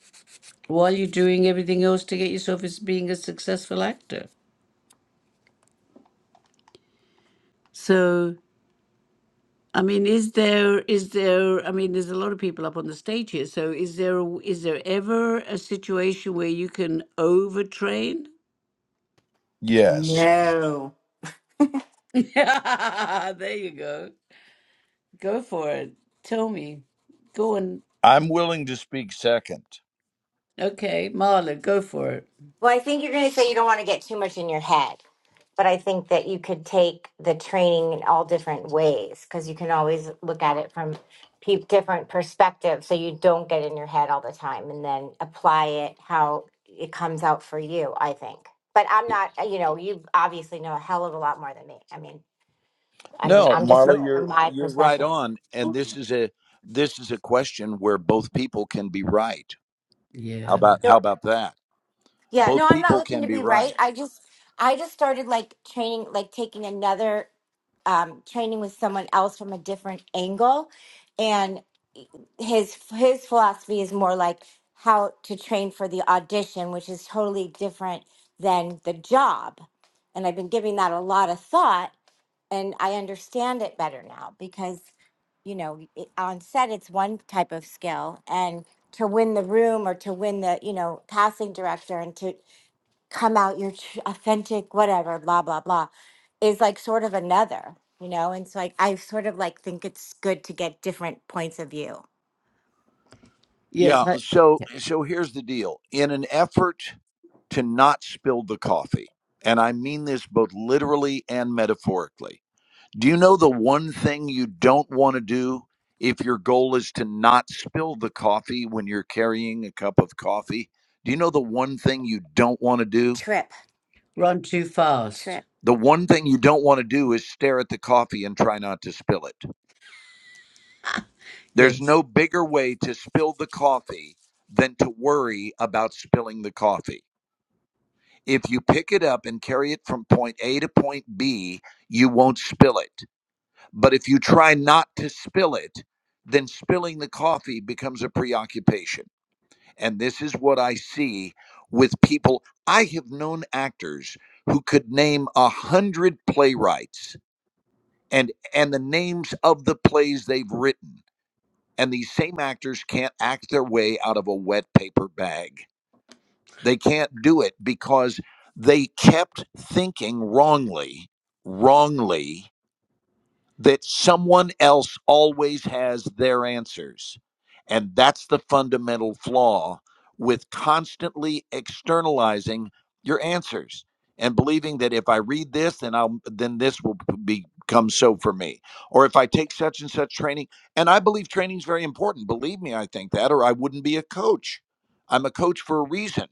while you're doing everything else to get yourself as being a successful actor so I mean, is there is there? I mean, there's a lot of people up on the stage here. So, is there a, w is there ever a situation where you can overtrain? Yes. No. there you go. Go for it. Tell me. Go on. I'm willing to speak second. Okay, Marla, go for it. Well, I think you're gonna say you don't want to get too much in your head, but I think that you could take the training in all different ways because you can always look at it from pe- different perspectives, so you don't get in your head all the time, and then apply it how it comes out for you. I think. But I'm not, you know, you obviously know a hell of a lot more than me. I mean, I mean, No, I'm just Marla, No. from you're my you're right perspective. on. And this is a this is a question where both people can be right. How Yeah. about how Sure. about that? Yeah, Both no, I'm not people looking can to be be right. right. I just I just started like training like taking another um training with someone else from a different angle and his his philosophy is more like how to train for the audition, which is totally different than the job. And I've been giving that a lot of thought and I understand it better now because, you know, it, on set it's one type of skill, and to win the room or to win the, you know, casting director and to come out your tr- authentic, whatever, blah blah blah, is like sort of another, you know. And so like I sort of like think it's good to get different points of view. Yeah. Yes, I So Yeah. so here's the deal. In an effort to not spill the coffee, and I mean this both literally and metaphorically. Do you know the one thing you don't want to do if your goal is to not spill the coffee when you're carrying a cup of coffee? Do you know the one thing you don't want to do? Trip, run too fast. trip. The one thing you don't want to do is stare at the coffee and try not to spill it. There's Yes. no bigger way to spill the coffee than to worry about spilling the coffee. if you pick it up and carry it from point A to point B, you won't spill it. But if you try not to spill it, then spilling the coffee becomes a preoccupation. And this is what I see with people. I have known actors who could name a hundred playwrights and and the names of the plays they've written. And these same actors can't act their way out of a wet paper bag they can't do it because they kept thinking wrongly, wrongly that someone else always has their answers. And that's the fundamental flaw with constantly externalizing your answers and believing that if I read this, then I'll then this will be- become so for me. Or if I take such and such training, and I believe training is very important. Believe me, I think that, or I wouldn't be a coach. I'm a coach for a reason.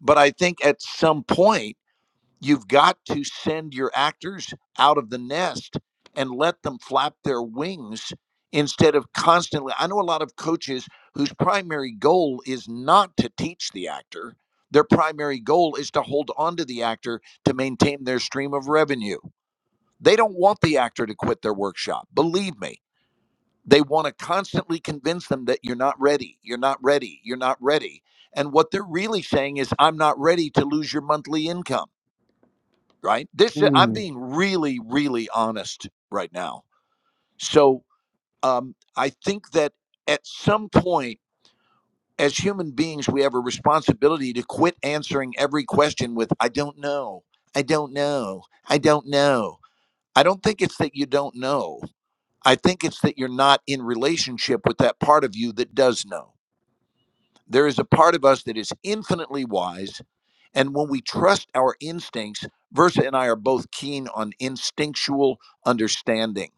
But I think at some point You've got to send your actors out of the nest and let them flap their wings instead of constantly. I know a lot of coaches whose primary goal is not to teach the actor, their primary goal is to hold on to the actor to maintain their stream of revenue. They don't want the actor to quit their workshop. Believe me, they want to constantly convince them that you're not ready, you're not ready, you're not ready. And what they're really saying is, I'm not ready to lose your monthly income right? This uh, I'm Mm. being really, really honest right now. So um, I think that at some point, as human beings, we have a responsibility to quit answering every question with "I don't know, I don't know, I don't know." I don't think it's that you don't know. I think it's that you're not in relationship with that part of you that does know. There is a part of us that is infinitely wise And when we trust our instincts, Versa and I are both keen on instinctual understanding.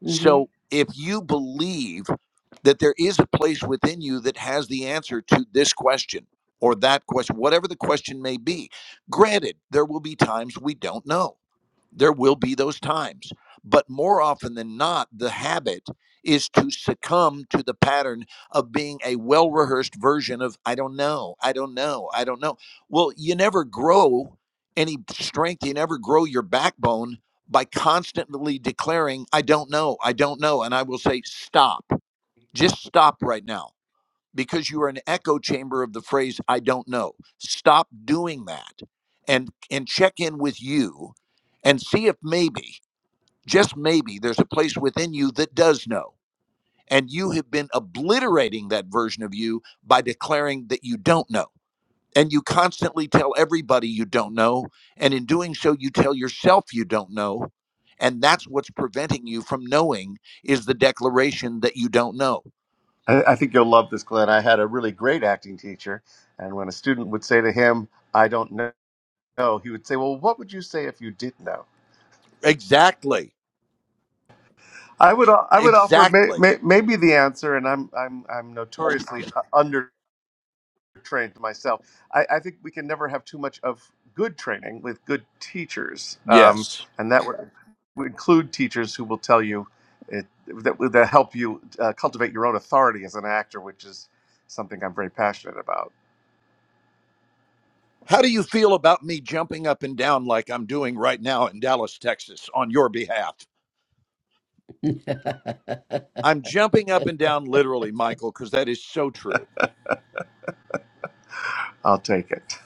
hmm So if you believe that there is a place within you that has the answer to this question or that question, whatever the question may be, granted, there will be times we don't know there will be those times. But more often than not, the habit is to succumb to the pattern of being a well rehearsed version of, I don't know, I don't know, I don't know. Well, you never grow any strength, you never grow your backbone by constantly declaring, I don't know, I don't know. And I will say, stop, just stop right now because you are an echo chamber of the phrase i don't know stop doing that and and check in with you and see if maybe just maybe there's a place within you that does know and you have been obliterating that version of you by declaring that you don't know and you constantly tell everybody you don't know and in doing so you tell yourself you don't know and that's what's preventing you from knowing is the declaration that you don't know I, I think you'll love this, Glenn. I had a really great acting teacher, and when a student would say to him, "I don't know," he would say, "Well, what would you say if you did know?" exactly I would I would offer may, exactly may, maybe the answer, and I'm I'm I'm notoriously uh, under. trained myself. I, I think we can never have too much of good training with good teachers, um, Yes. and that would, would include teachers who will tell you it, that that help you uh, cultivate your own authority as an actor, which is something I'm very passionate about. How do you feel about me jumping up and down like I'm doing right now in Dallas, Texas, on your behalf? I'm jumping up and down literally, Michael, because that is so true. I'll take it.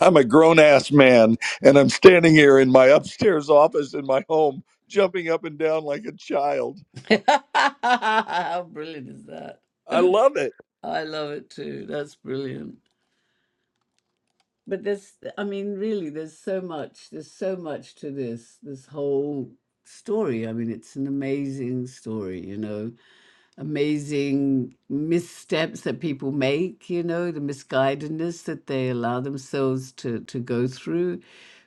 I'm a grown ass man, and I'm standing here in my upstairs office in my home, jumping up and down like a child. How brilliant is that? I love it. I love it too. That's brilliant. But there's, I mean, really, there's so much. There's so much to this, this whole story. I mean, it's an amazing story, you know. amazing missteps that people make, you know, the misguidedness that they allow themselves to, to go through.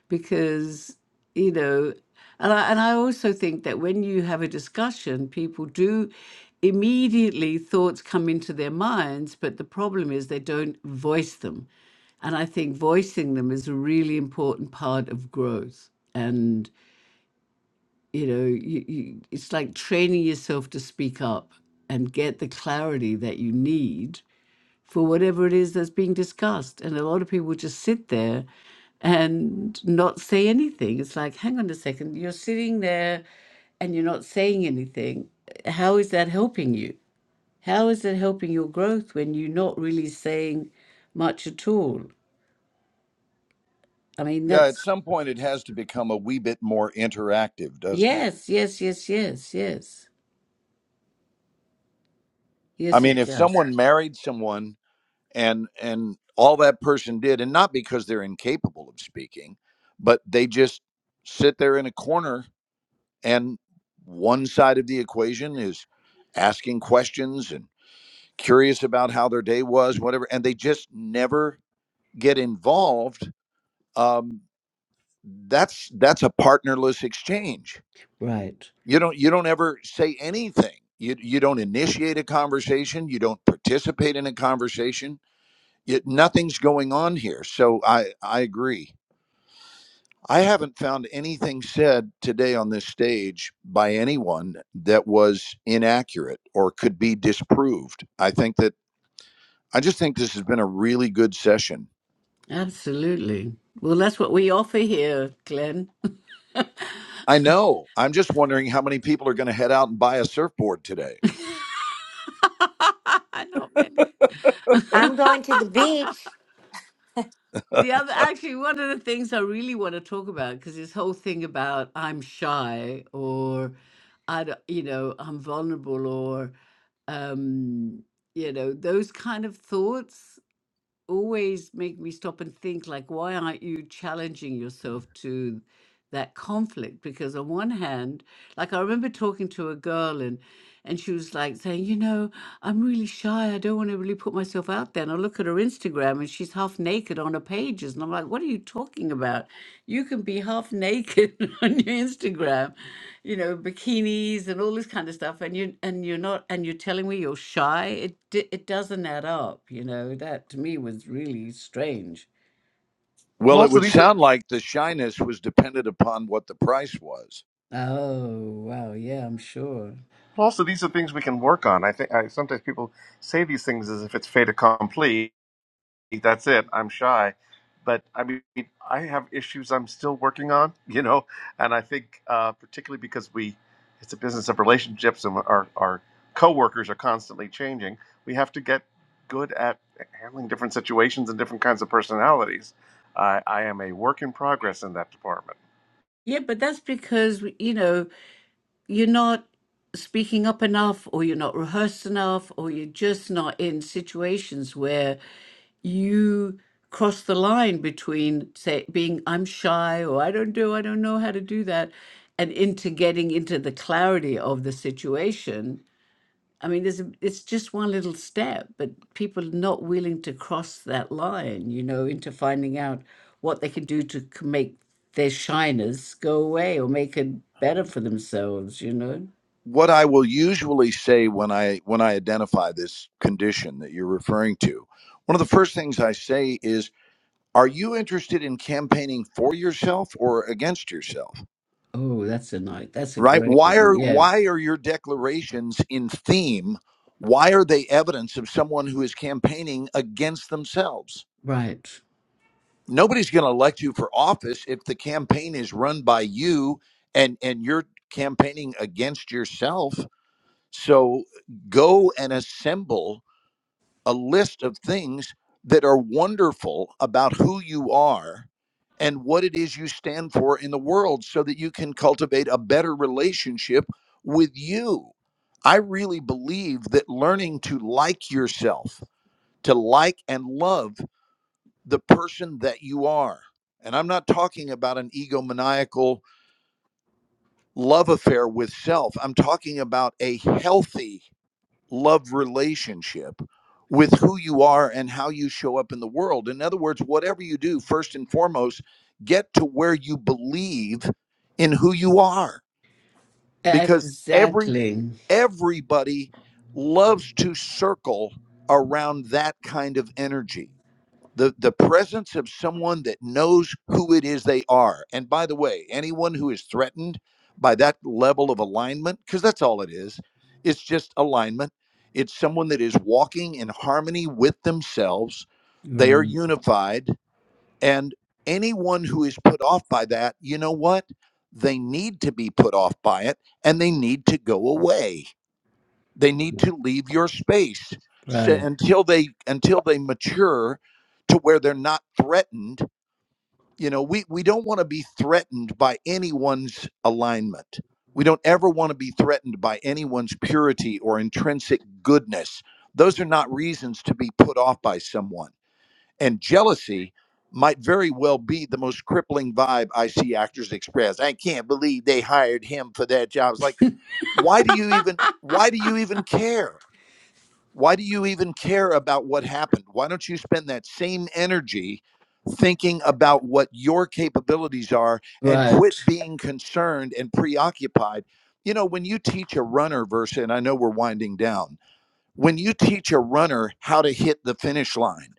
Because, you know, and I, and I also think that when you have a discussion, people do immediately thoughts come into their minds, but the problem is they don't voice them. And I think voicing them is a really important part of growth you know you, you, it's like training yourself to speak up and get the clarity that you need for whatever it is that's being discussed and a lot of people just sit there and not say anything it's like hang on a second you're sitting there and you're not saying anything how is that helping you how is that helping your growth when you're not really saying much at all i mean Yeah, at that's some point, it has to become a wee bit more interactive, doesn't it? yes yes yes yes yes I yes mean, it if does someone married someone and and all that person did and not because they're incapable of speaking but they just sit there in a corner and one side of the equation is asking questions and curious about how their day was whatever and they just never get involved um, that's that's a partnerless exchange right you don't you don't ever say anything you, you don't initiate a conversation you don't participate in a conversation Yet nothing's going on here. So I, I agree. I haven't found anything said today on this stage by anyone that was inaccurate or could be disproved. I think that I just think this has been a really good session. Absolutely. Well, that's what we offer here, Glenn. I know. I'm just wondering how many people are going to head out and buy a surfboard today. Not many. I'm going to the beach. the other, actually, one of the things I really want to talk about, because this whole thing about I'm shy or I, don't- you know, I'm vulnerable or, um, you know, those kind of thoughts. always make me stop and think like why aren't you challenging yourself to that conflict because on one hand like i remember talking to a girl and and she was like saying you know i'm really shy i don't want to really put myself out there and i look at her instagram and she's half naked on her pages and i'm like what are you talking about you can be half naked on your instagram you know, bikinis and all this kind of stuff, and you and you're not, and you're telling me you're shy. It d- it doesn't add up, you know. That to me was really strange. Well, Well, it also would these are sound like the shyness was dependent upon what the price was. Oh wow, yeah, I'm sure. Well, Also, these are things we can work on. I think I, sometimes people say these things as if it's fait accompli. That's it. I'm shy, but I mean, I have issues I'm still working on. You know, and I think uh, particularly because we, it's a business of relationships, and our our coworkers are constantly changing. We have to get good at handling different situations and different kinds of personalities. I, I am a work in progress in that department. Yeah, but that's because we- you know you're not speaking up enough or you're not rehearsed enough or you're just not in situations where you cross the line between say being I'm shy or I don't do I don't know how to do that and into getting into the clarity of the situation. I mean there's a, it's just one little step but people are not willing to cross that line, you know, into finding out what they can do to c- make their shyness go away or make it better for themselves, you know. what I will usually say when I when I identify this condition that you're referring to, one of the first things I say is, are you interested in campaigning for yourself or against yourself? Oh, that's a nice. That's a Right? great Why one. are Yeah. why are your declarations in theme? Why are they evidence of someone who is campaigning against themselves? Right. Nobody's going to elect you for office if the campaign is run by you and and you're campaigning against yourself So go and assemble a list of things that are wonderful about who you are and what it is you stand for in the world so that you can cultivate a better relationship with you. I really believe that learning to like yourself, to like and love the person that you are. And I'm not talking about an egomaniacal love affair with self. I'm talking about a healthy love relationship with who you are and how you show up in the world. In other words, whatever you do, first and foremost, get to where you believe in who you are because every Exactly. everybody loves to circle around that kind of energy the the presence of someone that knows who it is they are and by the way anyone who is threatened by that level of alignment because that's all it is it's just alignment it's someone that is walking in harmony with themselves they are Right. unified and anyone who is put off by that you know what they need to be put off by it and they need to go away they need Right. to leave your space so Right. until they until they mature to where they're not threatened you know we we don't want to be threatened by anyone's alignment we don't ever want to be threatened by anyone's purity or intrinsic goodness those are not reasons to be put off by someone and jealousy might very well be the most crippling vibe i see actors express i can't believe they hired him for that job it's like why do you even why do you even care why do you even care about what happened? Why don't you spend that same energy thinking about what your capabilities are and Right. quit being concerned and preoccupied? You know, when you teach a runner versus, and I know we're winding down, when you teach a runner how to hit the finish line,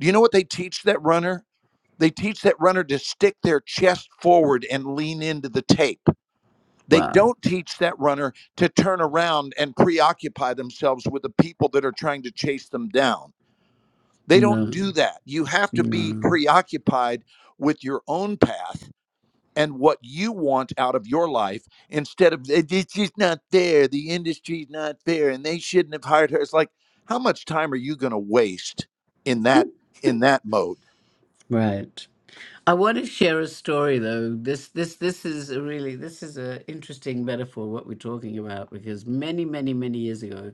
do you know what they teach that runner? They teach that runner to stick their chest forward and lean into the tape. They Wow. don't teach that runner to turn around and preoccupy themselves with the people that are trying to chase them down. They don't No. do that. You have to be No. preoccupied with your own path and what you want out of your life instead of "Eh, this is not fair, the industry's not fair, and they shouldn't have hired her. It's like, how much time are you going to waste in that in that mode? Right. I want to share a story though. This this this is a really this is a interesting metaphor what we're talking about because many many many years ago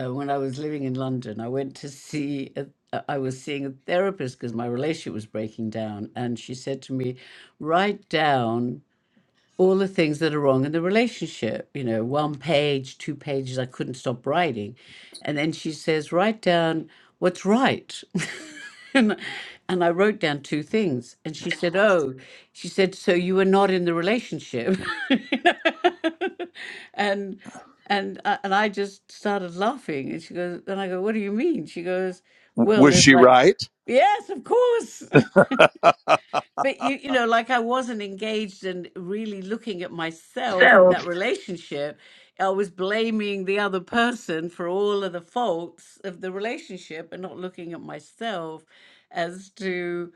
uh, when I was living in London I went to see a, uh, I was seeing a therapist because my relationship was breaking down and she said to me write down all the things that are wrong in the relationship. You know, one page, two pages, I couldn't stop writing. And then she says, write down what's right. and, and I wrote down two things. And she said, oh, she said, so you were not in the relationship. and and I, and I just started laughing. And she goes, and I go, what do you mean? She goes, W- well, Was there's she like, right? yes, of course. But you, you know, like I wasn't engaged and really looking at myself in So, that relationship. I was blaming the other person for all of the faults of the relationship and not looking at myself as to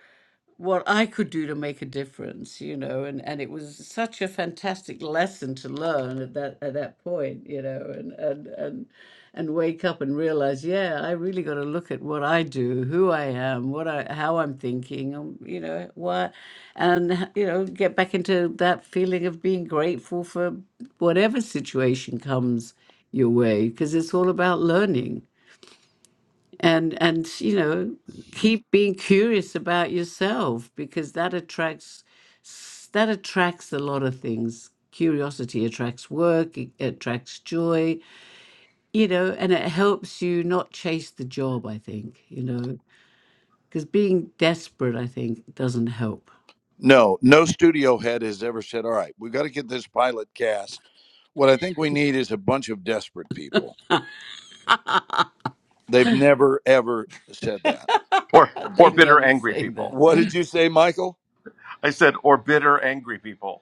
what I could do to make a difference, you know, and, and it was such a fantastic lesson to learn at that at that point, you know, and and and and wake up and realize, yeah, I really got to look at what I do, who I am, what I how I'm thinking, um, you know, why, and you know, get back into that feeling of being grateful for whatever situation comes your way, because it's all about learning and and you know keep being curious about yourself because that attracts s- that attracts a lot of things curiosity attracts work it attracts joy you know and it helps you not chase the job i think you know because being desperate i think doesn't help No, no studio head has ever said, "All right, we got to get this pilot cast." What I think we need is a bunch of desperate people. They've never ever said that. Or they or bitter never angry say people. What that. did you say, Michael? I said or bitter angry people.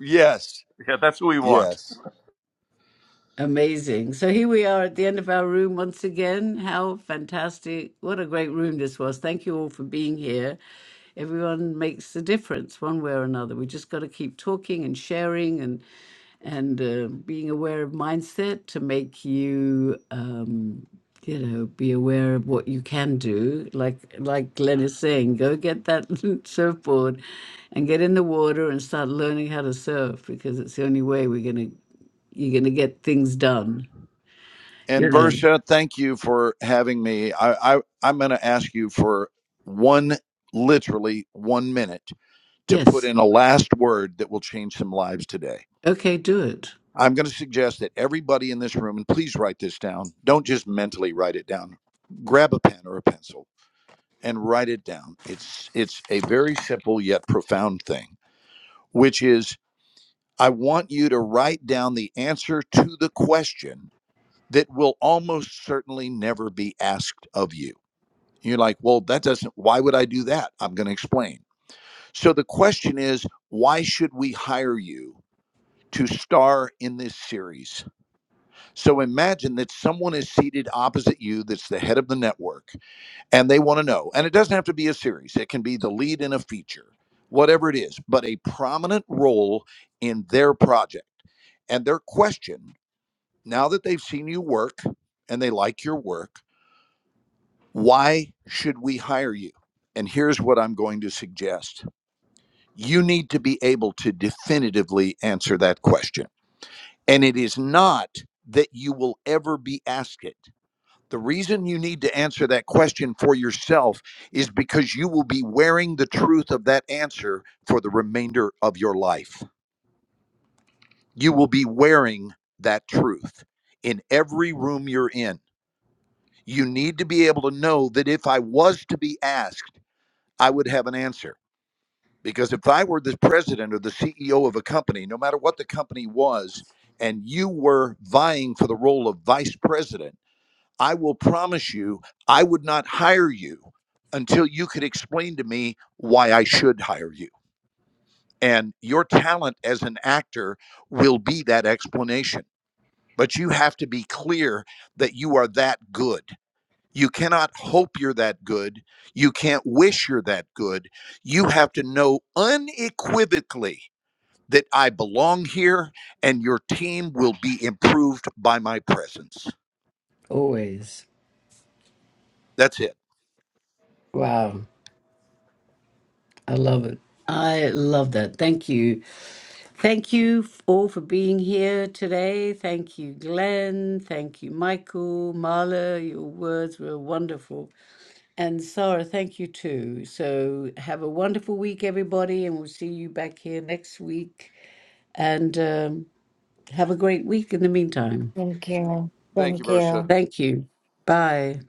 Yes, Yeah, that's who we want. yes. Amazing. So here we are at the end of our room once again. How fantastic. What a great room this was. Thank you all for being here. Everyone makes a difference one way or another. We just got to keep talking and sharing and and uh, being aware of mindset to make you um, you know be aware of what you can do like like glenn is saying go get that surfboard and get in the water and start learning how to surf because it's the only way we're going to you're going to get things done. You And know, Versha, thank you for having me. I, I I'm going to ask you for one, literally one minute, to put yes. in a last word that will change some lives today. Okay, do it. I'm going to suggest that everybody in this room, and please write this down, don't just mentally write it down. Grab a pen or a pencil and write it down. It's it's a very simple yet profound thing, which is I want you to write down the answer to the question that will almost certainly never be asked of you. You're like, "Well, that doesn't why would I do that?" I'm going to explain. So the question is, why should we hire you to star in this series? So imagine that someone is seated opposite you that's the head of the network and they want to know. And it doesn't have to be a series, it can be the lead in a feature, whatever it is, but a prominent role in their project. And their question, now that they've seen you work and they like your work, why should we hire you? And here's what I'm going to suggest you need to be able to definitively answer that question. And it is not that you will ever be asked it The reason you need to answer that question for yourself is because you will be wearing the truth of that answer for the remainder of your life. You will be wearing that truth in every room you're in. You need to be able to know that if I was to be asked, I would have an answer. Because if I were the president or the CEO of a company, no matter what the company was, and you were vying for the role of vice president, I will promise you, I would not hire you until you could explain to me why I should hire you. And your talent as an actor will be that explanation. But you have to be clear that you are that good. You cannot hope you're that good. You can't wish you're that good. You have to know unequivocally that I belong here and your team will be improved by my presence. Always. That's it. Wow. I love it. I love that. Thank you. Thank you f- all for being here today. Thank you, Glenn. Thank you, Michael, Marla. Your words were wonderful. And Sarah, thank you too. So have a wonderful week, everybody, and we'll see you back here next week. And um, have a great week in the meantime. Thank you. Thank you, Thank Versa. you. Thank you. Bye.